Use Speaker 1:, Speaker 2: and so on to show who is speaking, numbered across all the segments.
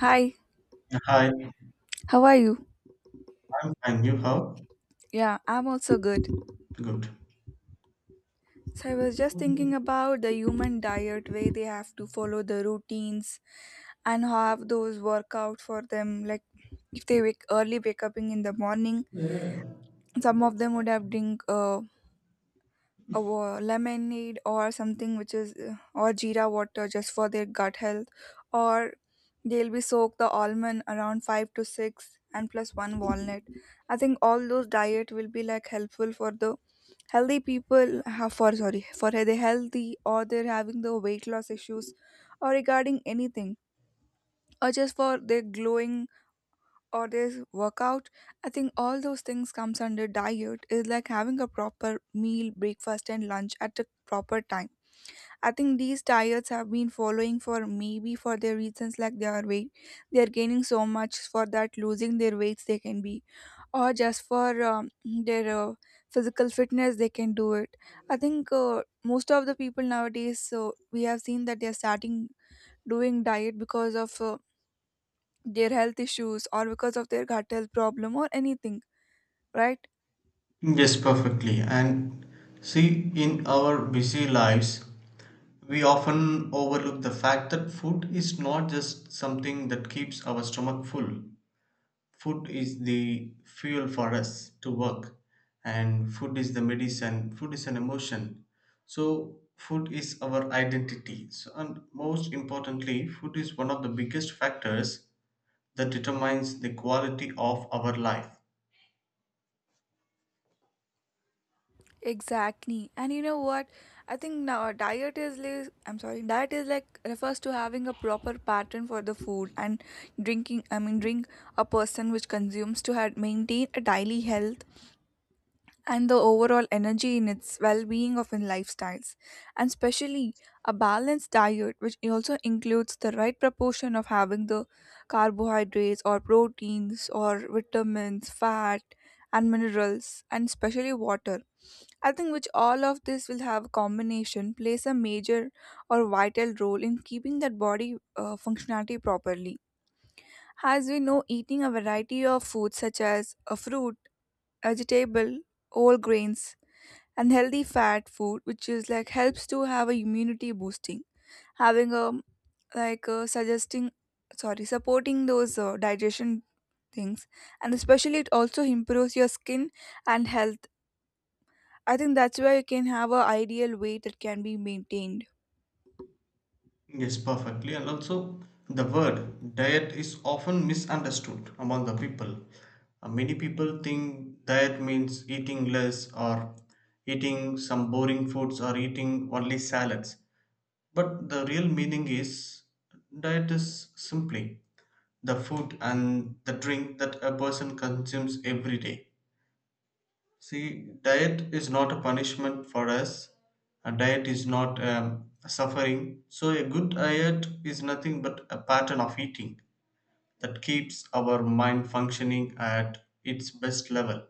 Speaker 1: Hi,
Speaker 2: Hi, I'm
Speaker 1: how are you?
Speaker 2: fine. You how?
Speaker 1: Yeah, I'm also good.
Speaker 2: Good.
Speaker 1: So I was just thinking about the human diet where they have to follow the routines and have those workout for them. Like if they wake early, wake up in the morning, some of them would have drink a lemonade or something which is or jeera water just for their gut health, or they'll be soak the almond around 5 to 6 and plus one walnut. I think all those diet will be like helpful for the healthy people have for sorry for the healthy, or they're having the weight loss issues or regarding anything, or just for their glowing, or there's workout. I think all those things comes under diet is like having a proper meal, breakfast and lunch at a proper time. I think these diets have been following for maybe for their reasons like their weight, they are gaining so much for that, losing their weights they can be, or just for their physical fitness they can do it. I think most of the people nowadays, so we have seen that they are starting doing diet because of their health issues or because of their gut health problem or anything, right?
Speaker 2: Yes, perfectly. And see, in our busy lives, we often overlook the fact that food is not just something that keeps our stomach full. Food is the fuel for us to work, and food is the medicine, food is an emotion. So, food is our identity. So, and most importantly, food is one of the biggest factors that determines the quality of our life.
Speaker 1: Exactly. And you know what? I think now diet is like, I'm sorry, diet is like refers to having a proper pattern for the food and drinking, I mean, drink a person which consumes to had maintain a daily health and the overall energy in its well-being of in lifestyles, and especially a balanced diet which also includes the right proportion of having the carbohydrates or proteins or vitamins, fat and minerals and especially water. I think which all of this will have a combination, plays a major or vital role in keeping that body functionality properly. As we know, eating a variety of foods such as a fruit, vegetable, whole grains, and healthy fat food, which is like helps to have a immunity boosting, having a like suggesting sorry supporting those digestion things, and especially it also improves your skin and health. I think that's why you can have a ideal weight that can be maintained.
Speaker 2: Yes, perfectly. And also, the word diet is often misunderstood among the people. Many people think diet means eating less or eating some boring foods or eating only salads. But the real meaning is diet is simply the food and the drink that a person consumes every day. See, diet is not a punishment for us. A diet is not a suffering. So, a good diet is nothing but a pattern of eating that keeps our mind functioning at its best level,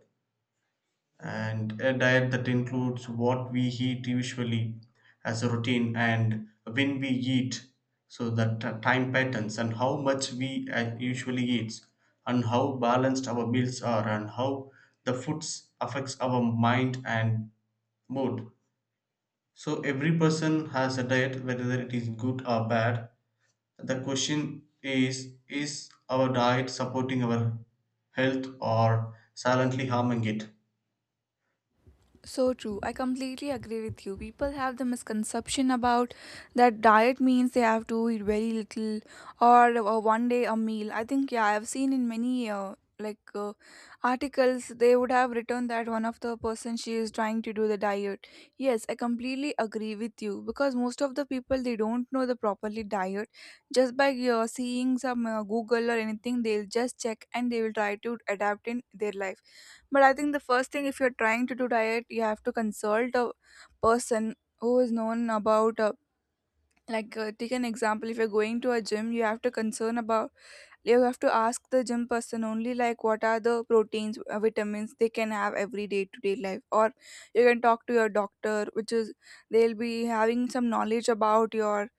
Speaker 2: and a diet that includes what we eat usually as a routine, and when we eat, so that time patterns and how much we usually eat, and how balanced our meals are, and how the foods affects our mind and mood. So every person has a diet whether it is good or bad. The question is our diet supporting our health or silently harming it?
Speaker 1: So true. I completely agree with you. People have the misconception about that diet means they have to eat very little, or one day a meal. I think, yeah, I've seen in many articles they would have written that one of the person she is trying to do the diet. Yes, I completely agree with you because most of the people they don't know the properly diet. Just by seeing some Google or anything, they'll just check and they will try to adapt in their life. But I think the first thing, if you're trying to do diet, you have to consult a person who is known about. Like take an example, if you're going to a gym, you have to concern about, you have to ask the gym person only like what are the proteins, vitamins they can have every day to day life, or you can talk to your doctor, which is they'll be having some knowledge about your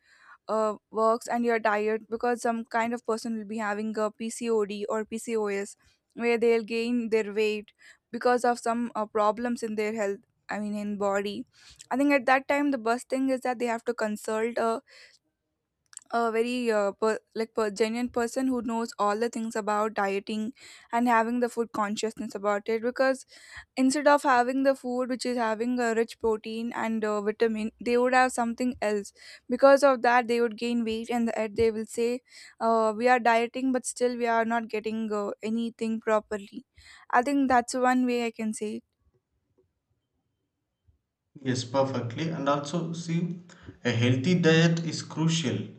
Speaker 1: works. And you're tired because some kind of person will be having a PCOD or PCOS, where they'll gain their weight because of some problems in their health. I mean, in body. I think at that time the best thing is that they have to consult a very genuine person who knows all the things about dieting and having the food consciousness about it, because instead of having the food which is having a rich protein and vitamin, they would have something else. Because of that, they would gain weight, and the end they will say, we are dieting but still we are not getting anything properly. I think that's one way I can say it.
Speaker 2: Yes, perfectly. And also, see, a healthy diet is crucial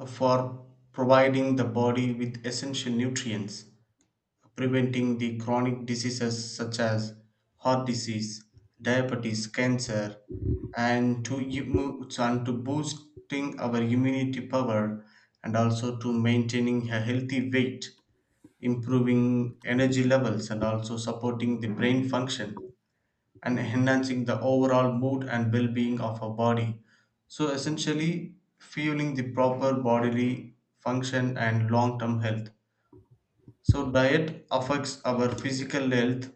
Speaker 2: for providing the body with essential nutrients, preventing the chronic diseases such as heart disease, diabetes, cancer, and to boosting our immunity power, and also to maintaining a healthy weight, improving energy levels, and also supporting the brain function and enhancing the overall mood and well being of our body. So, essentially, fueling the proper bodily function and long term health. So, diet affects our physical health.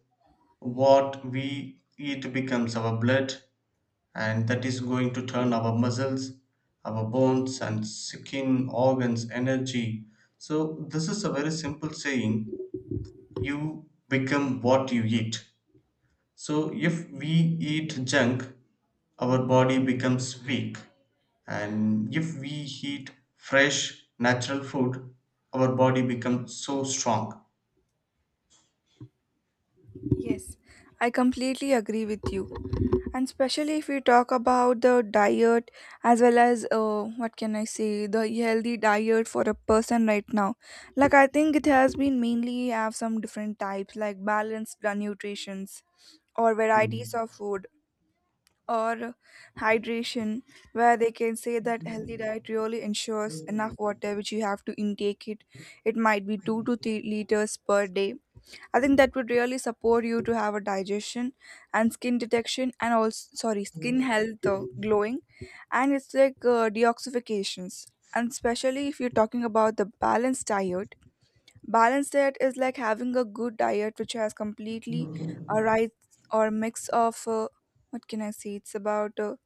Speaker 2: What we eat becomes our blood, and that is going to turn our muscles, our bones, and skin organs energy. So, this is a very simple saying, you become what you eat. So, if we eat junk, our body becomes weak. And if we eat fresh, natural food, our body becomes so strong.
Speaker 1: Yes, I completely agree with you. And especially if we talk about the diet as well as what can I say, the healthy diet for a person right now, like I think it has been mainly have some different types like balanced nutritions or varieties
Speaker 2: Mm.
Speaker 1: of food, or hydration, where they can say that healthy diet really ensures enough water which you have to intake it. It might be 2 to 3 liters per day. I think that would really support you to have a digestion and skin detection, and also sorry, skin health, glowing, and it's like deoxifications. And especially if you're talking about the balanced diet is like having a good diet which has completely a right or mix of what can I say? It's about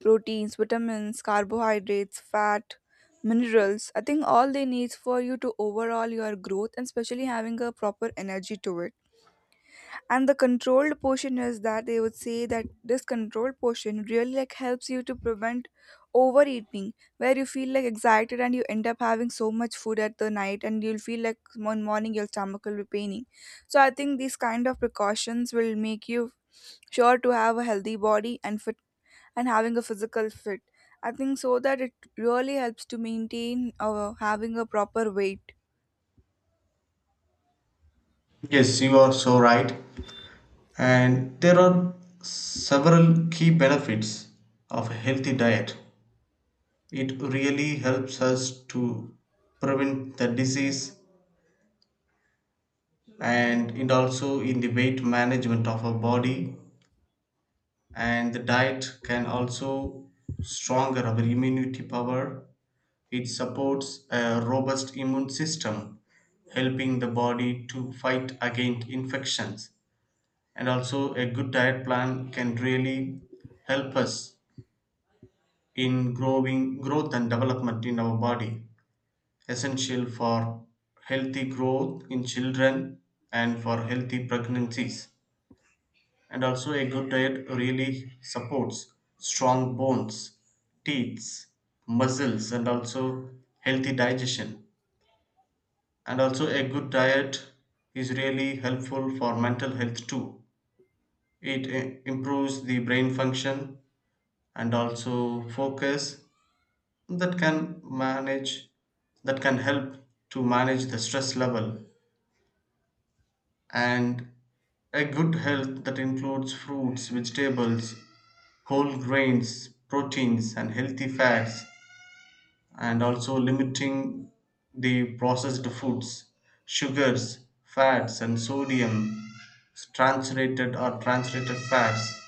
Speaker 1: proteins, vitamins, carbohydrates, fat, minerals. I think all they need for you to overall your growth and especially having a proper energy to it. And the controlled portion is that they would say that this controlled portion really like helps you to prevent overeating, where you feel like excited and you end up having so much food at the night and you'll feel like one morning your stomach will be paining. So I think these kind of precautions will make you sure to have a healthy body and fit, and having a physical fit. I think so that it really helps to maintain having a proper weight.
Speaker 2: Yes, you are so right. And there are several key benefits of a healthy diet. It really helps us to prevent the disease, and it also in the weight management of our body, and the diet can also stronger our immunity power. It supports a robust immune system, helping the body to fight against infections. And also, a good diet plan can really help us in growing growth and development in our body, essential for healthy growth in children and for healthy pregnancies. And also, a good diet really supports strong bones, teeth, muscles, and also healthy digestion. And also, a good diet is really helpful for mental health too. It improves the brain function and also focus, that can manage, that can help to manage the stress level. And a good health that includes fruits, vegetables, whole grains, proteins, and healthy fats, and also limiting the processed foods, sugars, fats, and sodium, saturated or translated fats,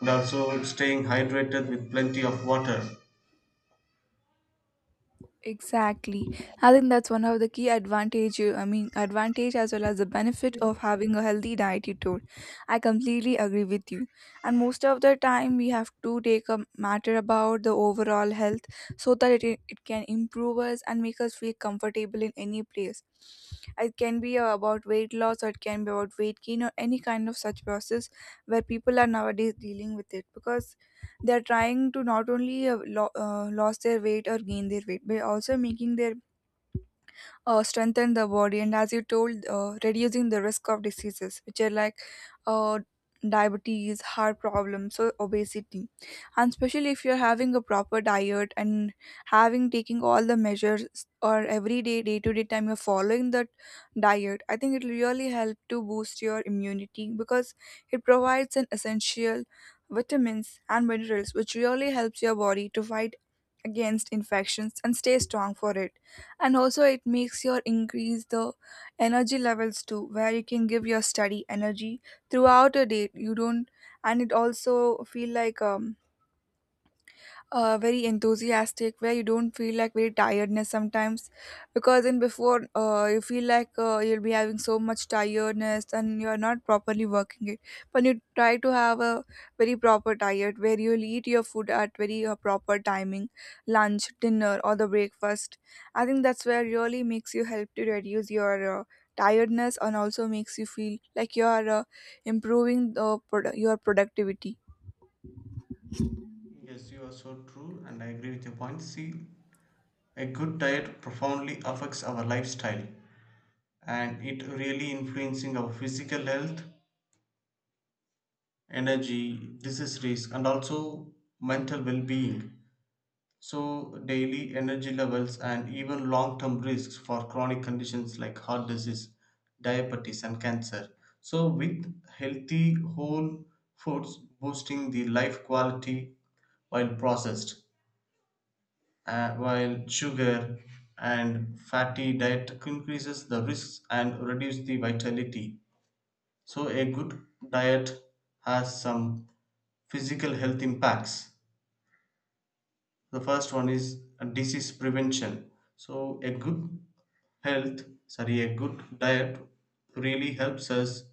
Speaker 2: and also staying hydrated with plenty of water.
Speaker 1: Exactly. I think that's one of the key advantage, I mean, advantage as well as the benefit of having a healthy diet, you told. I completely agree with you. And most of the time, we have to take a matter about the overall health, so that it can improve us and make us feel comfortable in any place. It can be about weight loss or it can be about weight gain or any kind of such process where people are nowadays dealing with it, because they're trying to not only lost their weight or gain their weight, but also making their strengthen the body, and as you told, reducing the risk of diseases which are like uh, diabetes, heart problems, so obesity. And especially if you're having a proper diet and having taking all the measures or every day, day to day time you're following that diet, I think it'll really help to boost your immunity, because it provides an essential vitamins and minerals which really helps your body to fight against infections and stay strong for it. And also it makes your increase the energy levels too, where you can give your study energy throughout a day you don't. And it also feel like very enthusiastic, where you don't feel like very tiredness sometimes, because in before you feel like you'll be having so much tiredness and you're not properly working it. But you try to have a very proper diet where you'll eat your food at very proper timing, lunch, dinner, or the breakfast. I think that's where really makes you help to reduce your tiredness and also makes you feel like you are improving the your productivity.
Speaker 2: Yes, you are so true, and I agree with your point. See, a good diet profoundly affects our lifestyle, and it really influencing our physical health, energy, disease risk, and also mental well being. So, daily energy levels and even long term risks for chronic conditions like heart disease, diabetes, and cancer. So, with healthy whole foods boosting the life quality, while processed, while sugar and fatty diet increases the risks and reduce the vitality. So, a good diet has some physical health impacts. The first one is disease prevention. So a health, good diet really helps us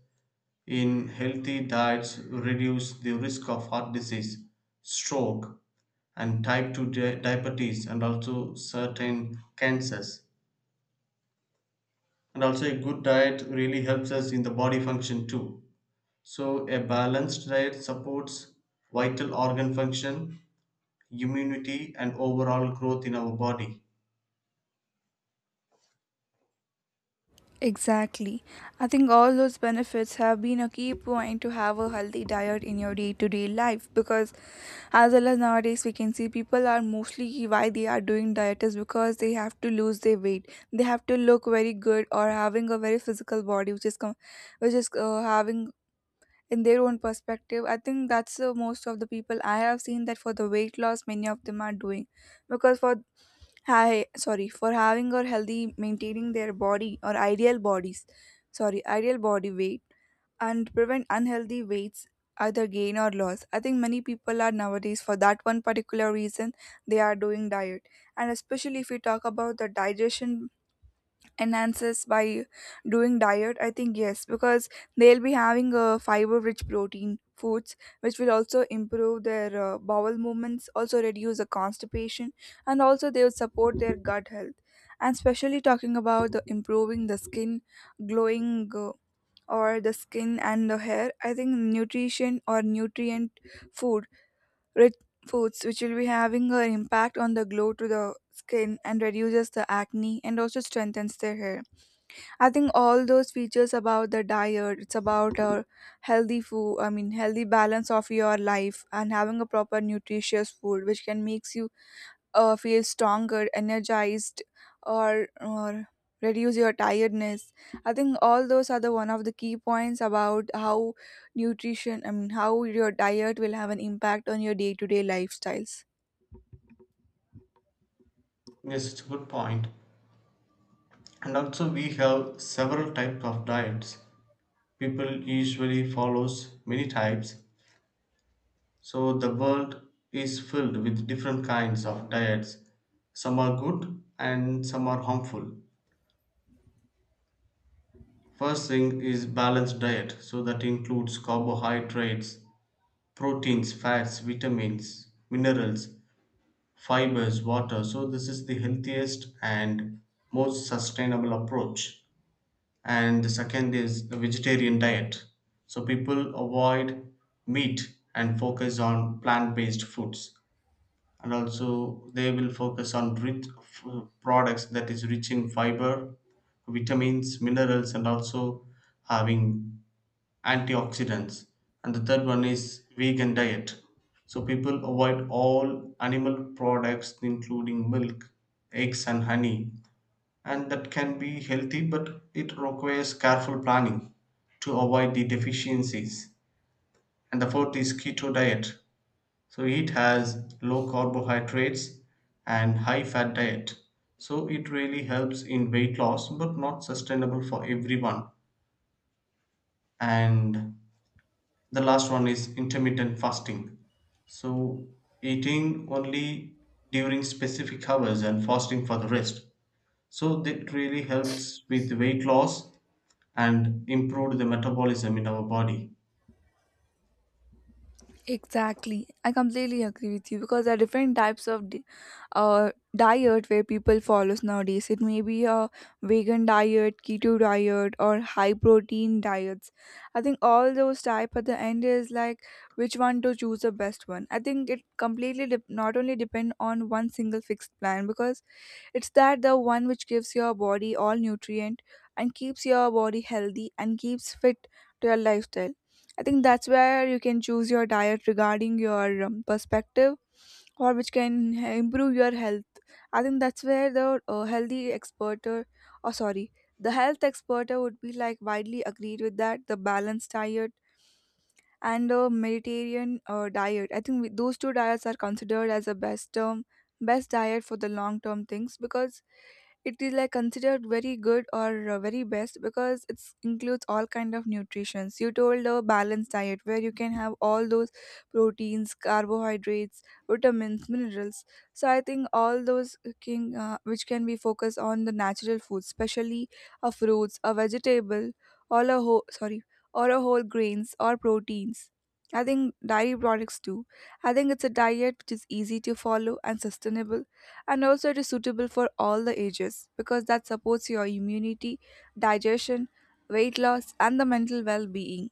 Speaker 2: in healthy diets reduce the risk of heart disease, stroke, and type 2 diabetes and also certain cancers. And also a good diet really helps us in the body function too. So a balanced diet supports vital organ function, immunity, and overall growth in our body.
Speaker 1: Exactly. I think all those benefits have been a key point to have a healthy diet in your day to day life, because as well as nowadays, we can see people are mostly why they are doing diet is because they have to lose their weight. They have to look very good or having a very physical body, which is having in their own perspective. I think that's most of the people I have seen that, for the weight loss many of them are doing, because for hi sorry for having or healthy maintaining their body or ideal bodies, sorry, ideal body weight, and prevent unhealthy weights either gain or loss. I think many people are nowadays for that one particular reason they are doing diet. And especially if we talk about the digestion enhances by doing diet, I think yes, because they'll be having a fiber rich protein foods, which will also improve their bowel movements, also reduce the constipation, and also they will support their gut health. And especially talking about the improving the skin glowing, or the skin and the hair, I think nutrition or nutrient food rich foods which will be having an impact on the glow to the skin and reduces the acne and also strengthens their hair. I think all those features about the diet, it's about a healthy food, I mean, healthy balance of your life, and having a proper nutritious food, which can makes you feel stronger, energized, or reduce your tiredness. I think all those are the one of the key points about how nutrition, I mean, how your diet will have an impact on your day to day lifestyles.
Speaker 2: Yes, it's a good point. And also we have several types of diets. People usually follows many types. So the world is filled with different kinds of diets. Some are good and some are harmful. First thing is balanced diet. So that includes carbohydrates, proteins, fats, vitamins, minerals, fibers, water. So this is the healthiest and most sustainable approach. And the second is the vegetarian diet, so people avoid meat and focus on plant-based foods, and also they will focus on products that is rich in fiber, vitamins, minerals, and also having antioxidants. And the third one is vegan diet, so people avoid all animal products including milk, eggs, and honey, and that can be healthy but it requires careful planning to avoid the deficiencies. And the fourth is keto diet, so it has low carbohydrates and high fat diet, so it really helps in weight loss but not sustainable for everyone. And the last one is intermittent fasting, so eating only during specific hours and fasting for the rest, so that really helps with weight loss and improved the metabolism in our body.
Speaker 1: Exactly. I completely agree with you because there are different types of uh, diet where people follows nowadays. It may be a vegan diet, keto diet, or high protein diets. I think all those type at the end is like which one to choose the best one. I think it completely dep not only depend on one single fixed plan because it's that the one which gives your body all nutrient and keeps your body healthy and keeps fit to your lifestyle. I think that's where you can choose your diet regarding your perspective or which can improve your health. I think that's where the healthy expert or sorry, the health expert would be like widely agreed with that the balanced diet and a Mediterranean diet. I think those two diets are considered as a best diet for the long term things because it is like considered very good or very best because it includes all kind of nutritions you told a balanced diet where you can have all those proteins carbohydrates vitamins minerals. So I think all those can, which can be focused on the natural foods, especially a fruits a vegetable or a whole grains or proteins. I think dairy products too. I think it's a diet which is easy to follow and sustainable, and also it is suitable for all the ages because that supports your immunity, digestion, weight loss, and the mental well being.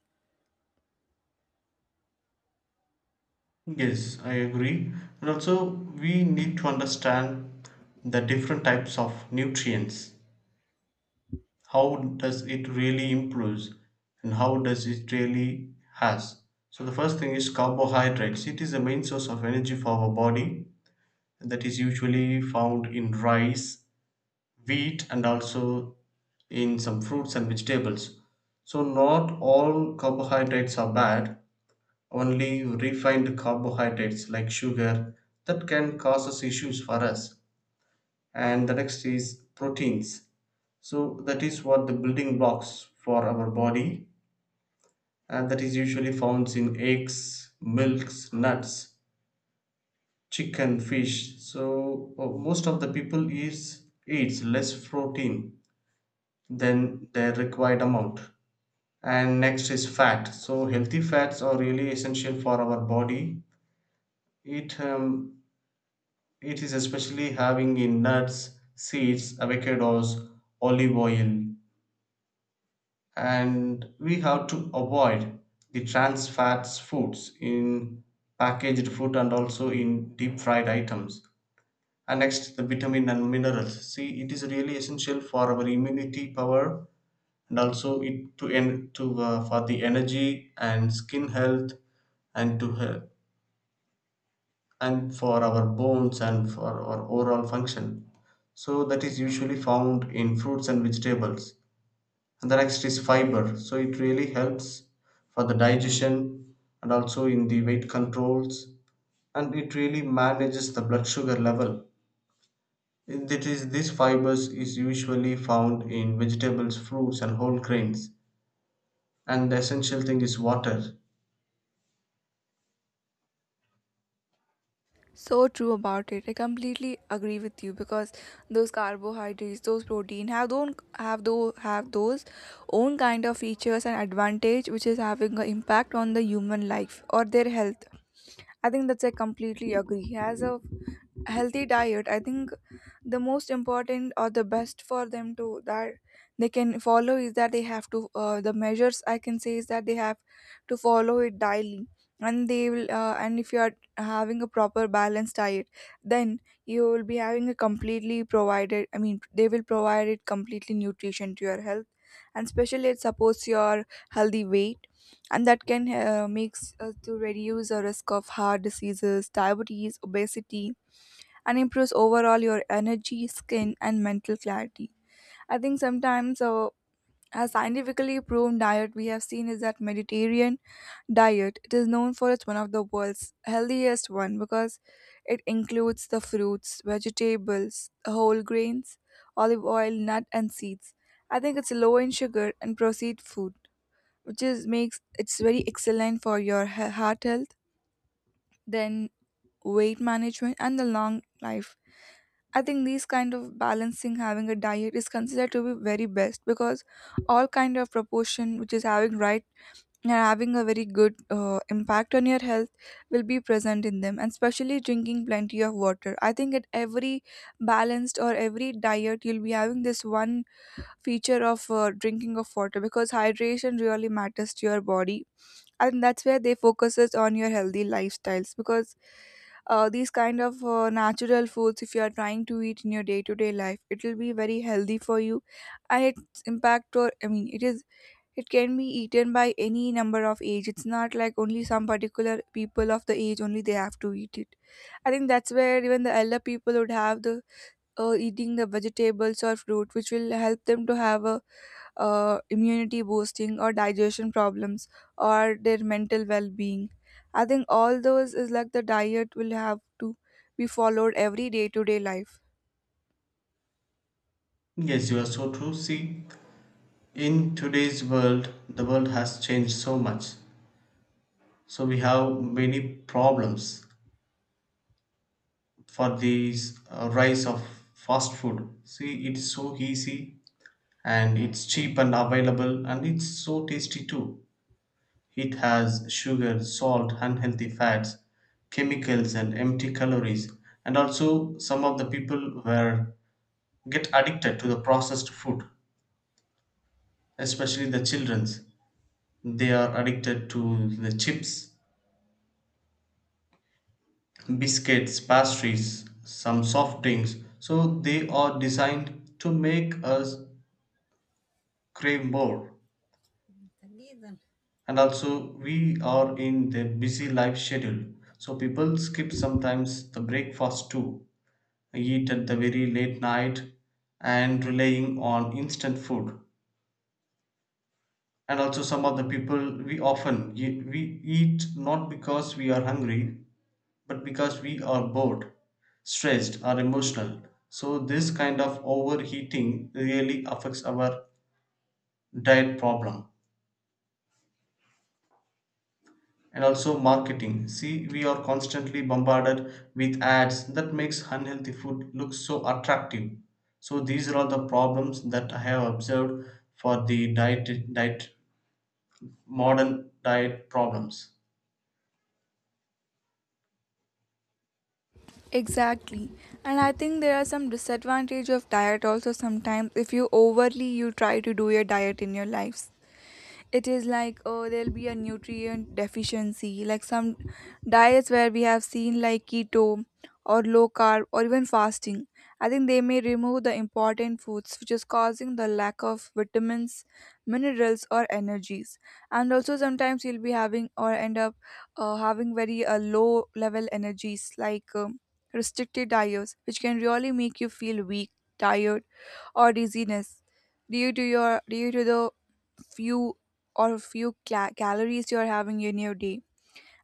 Speaker 2: Yes, I agree. And also, we need to understand the different types of nutrients. How does it really improves and how does it really has? So the first thing is carbohydrates. It is the main source of energy for our body, that is usually found in rice, wheat, and also in some fruits and vegetables. So not all carbohydrates are bad, only refined carbohydrates like sugar, that can cause us issues for us. And the next is proteins, so that is what the building blocks for our body, and that is usually found in eggs, milks, nuts, chicken, fish. So most of the people is eats less protein than their required amount. And next is fat, so healthy fats are really essential for our body. it um, It is especially having in nuts, seeds, avocados, olive oil, and we have to avoid the trans fats foods in packaged food and also in deep fried items. And next, the vitamin and minerals. See, it is really essential for our immunity power, and also it to en- to for the energy and skin health and to health and for our bones and for our overall function. So that is usually found in fruits and vegetables. And the next is fiber. So it really helps for the digestion and also in the weight controls, and it really manages the blood sugar level. It is these fibers is usually found in vegetables, fruits, and whole grains. And the essential thing is water.
Speaker 1: So true about it. I completely agree with you because those carbohydrates, those protein have don't have those own kind of features and advantage which is having an impact on the human life or their health. I think that's I completely agree. As a healthy diet, I think the most important or the best for them to that they can follow is that they have to the measures I can say is that they have to follow it daily, and they will and if you are having a proper balanced diet, then you will be having a completely provided I mean they will provide it completely nutrition to your health, and especially it supports your healthy weight, and that can makes to reduce the risk of heart diseases diabetes obesity and improves overall your energy, skin, and mental clarity. I think sometimes a scientifically proven diet we have seen is that Mediterranean diet. It is known for it's one of the world's healthiest one because it includes the fruits, vegetables, whole grains, olive oil, nut, and seeds. I think it's low in sugar and processed food, which is makes it's very excellent for your heart health. Then weight management and the long life, I think these kind of balancing having a diet is considered to be very best because all kind of proportion which is having right and having a very good impact on your health will be present in them, and especially drinking plenty of water. I think at every balanced or every diet you'll be having this one feature of drinking of water because hydration really matters to your body, and that's where they focuses on your healthy lifestyles because these kind of natural foods, if you are trying to eat in your day-to-day life, it will be very healthy for you, and its impact or I mean it is it can be eaten by any number of age. It's not like only some particular people of the age only they have to eat it. I think that's where even the elder people would have the eating the vegetables or fruit, which will help them to have a immunity boosting or digestion problems or their mental well-being. I think all those is like the diet will have to be followed every day-to-day life.
Speaker 2: Yes, you are so true. See, in today's world, the world has changed so much. So we have many problems for this rise of fast food. See, it's so easy, and it's cheap and available, and it's so tasty too. It has sugar, salt, unhealthy fats, chemicals, and empty calories. And also some of the people were get addicted to the processed food, especially the children's. They are addicted to the chips, biscuits, pastries, some soft drinks. So they are designed to make us crave more. And also, we are in the busy life schedule. So people skip sometimes the breakfast too, eat at the very late night, and relying on instant food. And also, some of the people we often we eat not because we are hungry, but because we are bored, stressed, or emotional. So, this kind of overheating really affects our diet problem, and also marketing. See, we are constantly bombarded with ads that makes unhealthy food look so attractive. So, these are all the problems that I have observed for the diet, modern diet problems.
Speaker 1: Exactly. And I think there are some disadvantage of diet also sometimes if you overly you try to do your diet in your lives. It is like oh there'll be a nutrient deficiency like some diets where we have seen like keto or low carb or even fasting. I think they may remove the important foods which is causing the lack of vitamins minerals or energies, and also sometimes you'll be having or end up having very low level energies like restricted diets which can really make you feel weak, tired, or dizziness due to the few or calories you're having in your day.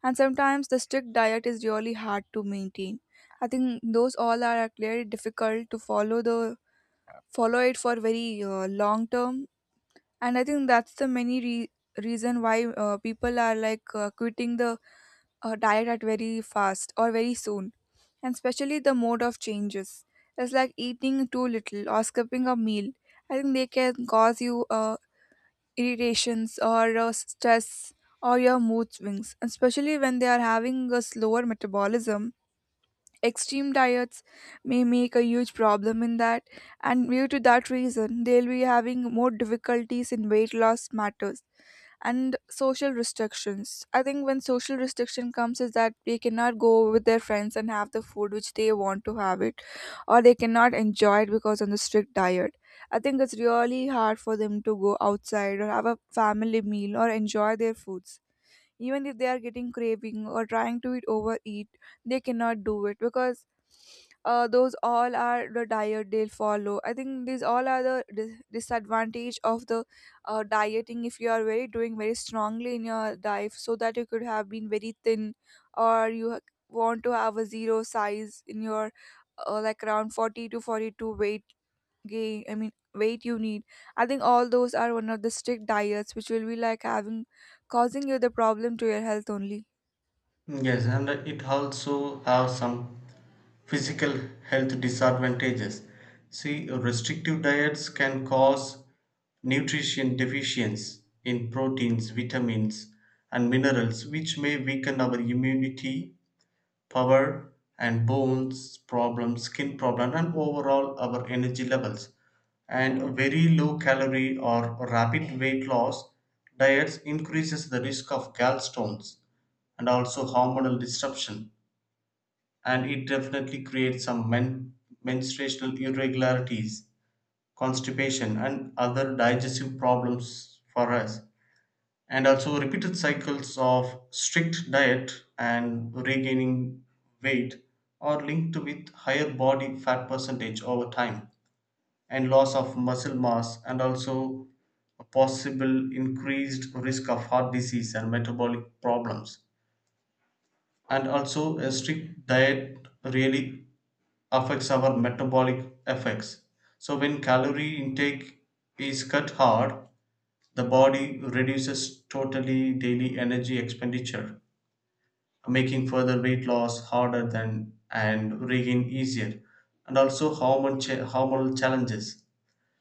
Speaker 1: And sometimes the strict diet is really hard to maintain. I think those all are clearly difficult to follow it for very long term, and I think that's the many reason why people are like quitting the diet at very fast or very soon. And especially the mode of changes, it's like eating too little or skipping a meal. I think they can cause you a irritations or stress or your mood swings, especially when they are having a slower metabolism. Extreme diets may make a huge problem in that, and due to that reason, they'll be having more difficulties in weight loss matters and social restrictions. I think when social restriction comes is that they cannot go with their friends and have the food which they want to have it, or they cannot enjoy it because on the strict diet. I think it's really hard for them to go outside or have a family meal or enjoy their foods, even if they are getting craving or trying to eat overeat, they cannot do it because those all are the diet they follow. I think these all are the disadvantage of the dieting if you are very doing very strongly in your diet so that you could have been very thin or you want to have a zero size in your like around 40 to 42 weight gain I mean weight you need. I think all those are one of the strict diets which will be like having causing you the problem to your health only.
Speaker 2: Yes, and it also have some physical health disadvantages. See, restrictive diets can cause nutrition deficiencies in proteins, vitamins, and minerals, which may weaken our immunity, power, and bones problems, skin problem, and overall our energy levels. And very low calorie or rapid weight loss diets increases the risk of gallstones, and also hormonal disruption, and it definitely creates some menstruational irregularities, constipation, and other digestive problems for us. And also, repeated cycles of strict diet and regaining weight are linked with higher body fat percentage over time and loss of muscle mass, and also a possible increased risk of heart disease and metabolic problems. And also a strict diet really affects our metabolic effects. So when calorie intake is cut hard, the body reduces totally daily energy expenditure, making further weight loss harder than and regain easier. And also hormonal challenges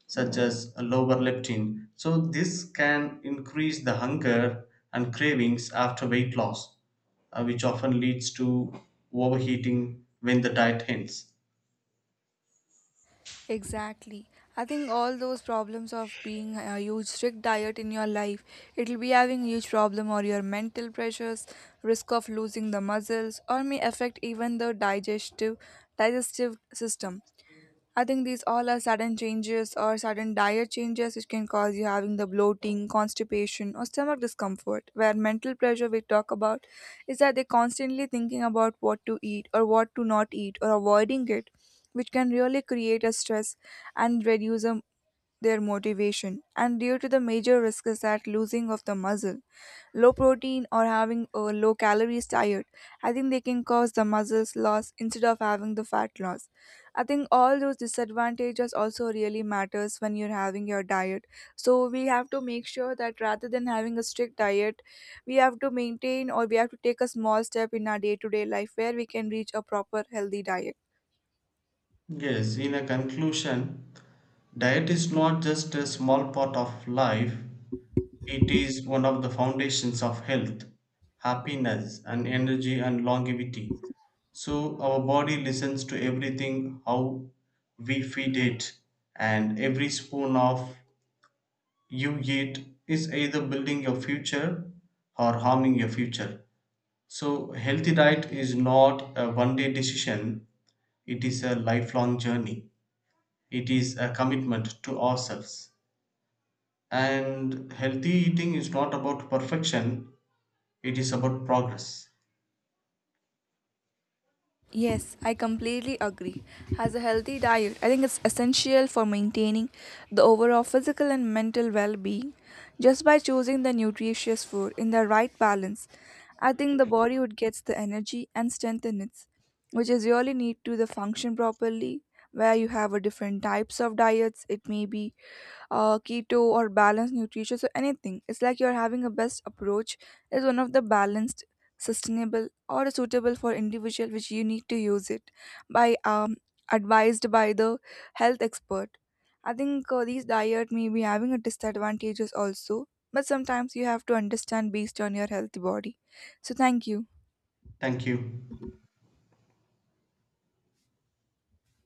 Speaker 2: such as lower leptin. So this can increase the hunger and cravings after weight loss, which often leads to overheating when the diet ends.
Speaker 1: Exactly. I think all those problems of being a huge strict diet in your life, it'll be having huge problem or your mental pressures, risk of losing the muscles, or may affect even the digestive system. I think these all are sudden changes or sudden diet changes which can cause you having the bloating, constipation, or stomach discomfort. Where mental pressure we talk about is that they're constantly thinking about what to eat or what to not eat or avoiding it, which can really create a stress and reduce a their motivation, and due to the major risk is that losing of the muscle. Low protein or having a low calories diet, I think they can cause the muscles loss instead of having the fat loss. I think all those disadvantages also really matters when you're having your diet. So we have to make sure that rather than having a strict diet, we have to maintain or we have to take a small step in our day-to-day life where we can reach a proper healthy diet.
Speaker 2: Yes, in a conclusion, diet is not just a small part of life, it is one of the foundations of health, happiness, and energy and longevity. So, our body listens to everything how we feed it, and every spoon of you eat is either building your future or harming your future. So, healthy diet is not a one day decision, it is a lifelong journey. It is a commitment to ourselves. And healthy eating is not about perfection, it is about progress.
Speaker 1: Yes, I completely agree. As a healthy diet, I think it's essential for maintaining the overall physical and mental well being. Just by choosing the nutritious food in the right balance, I think the body would get the energy and strength in it, which is really need to the function properly. Where you have a different types of diets, it may be keto or balanced nutrition, so anything it's like you're having a best approach is one of the balanced sustainable or suitable for individual which you need to use it by advised by the health expert. I think these diet may be having a disadvantages also, but sometimes you have to understand based on your healthy body. So thank you.
Speaker 2: Thank you.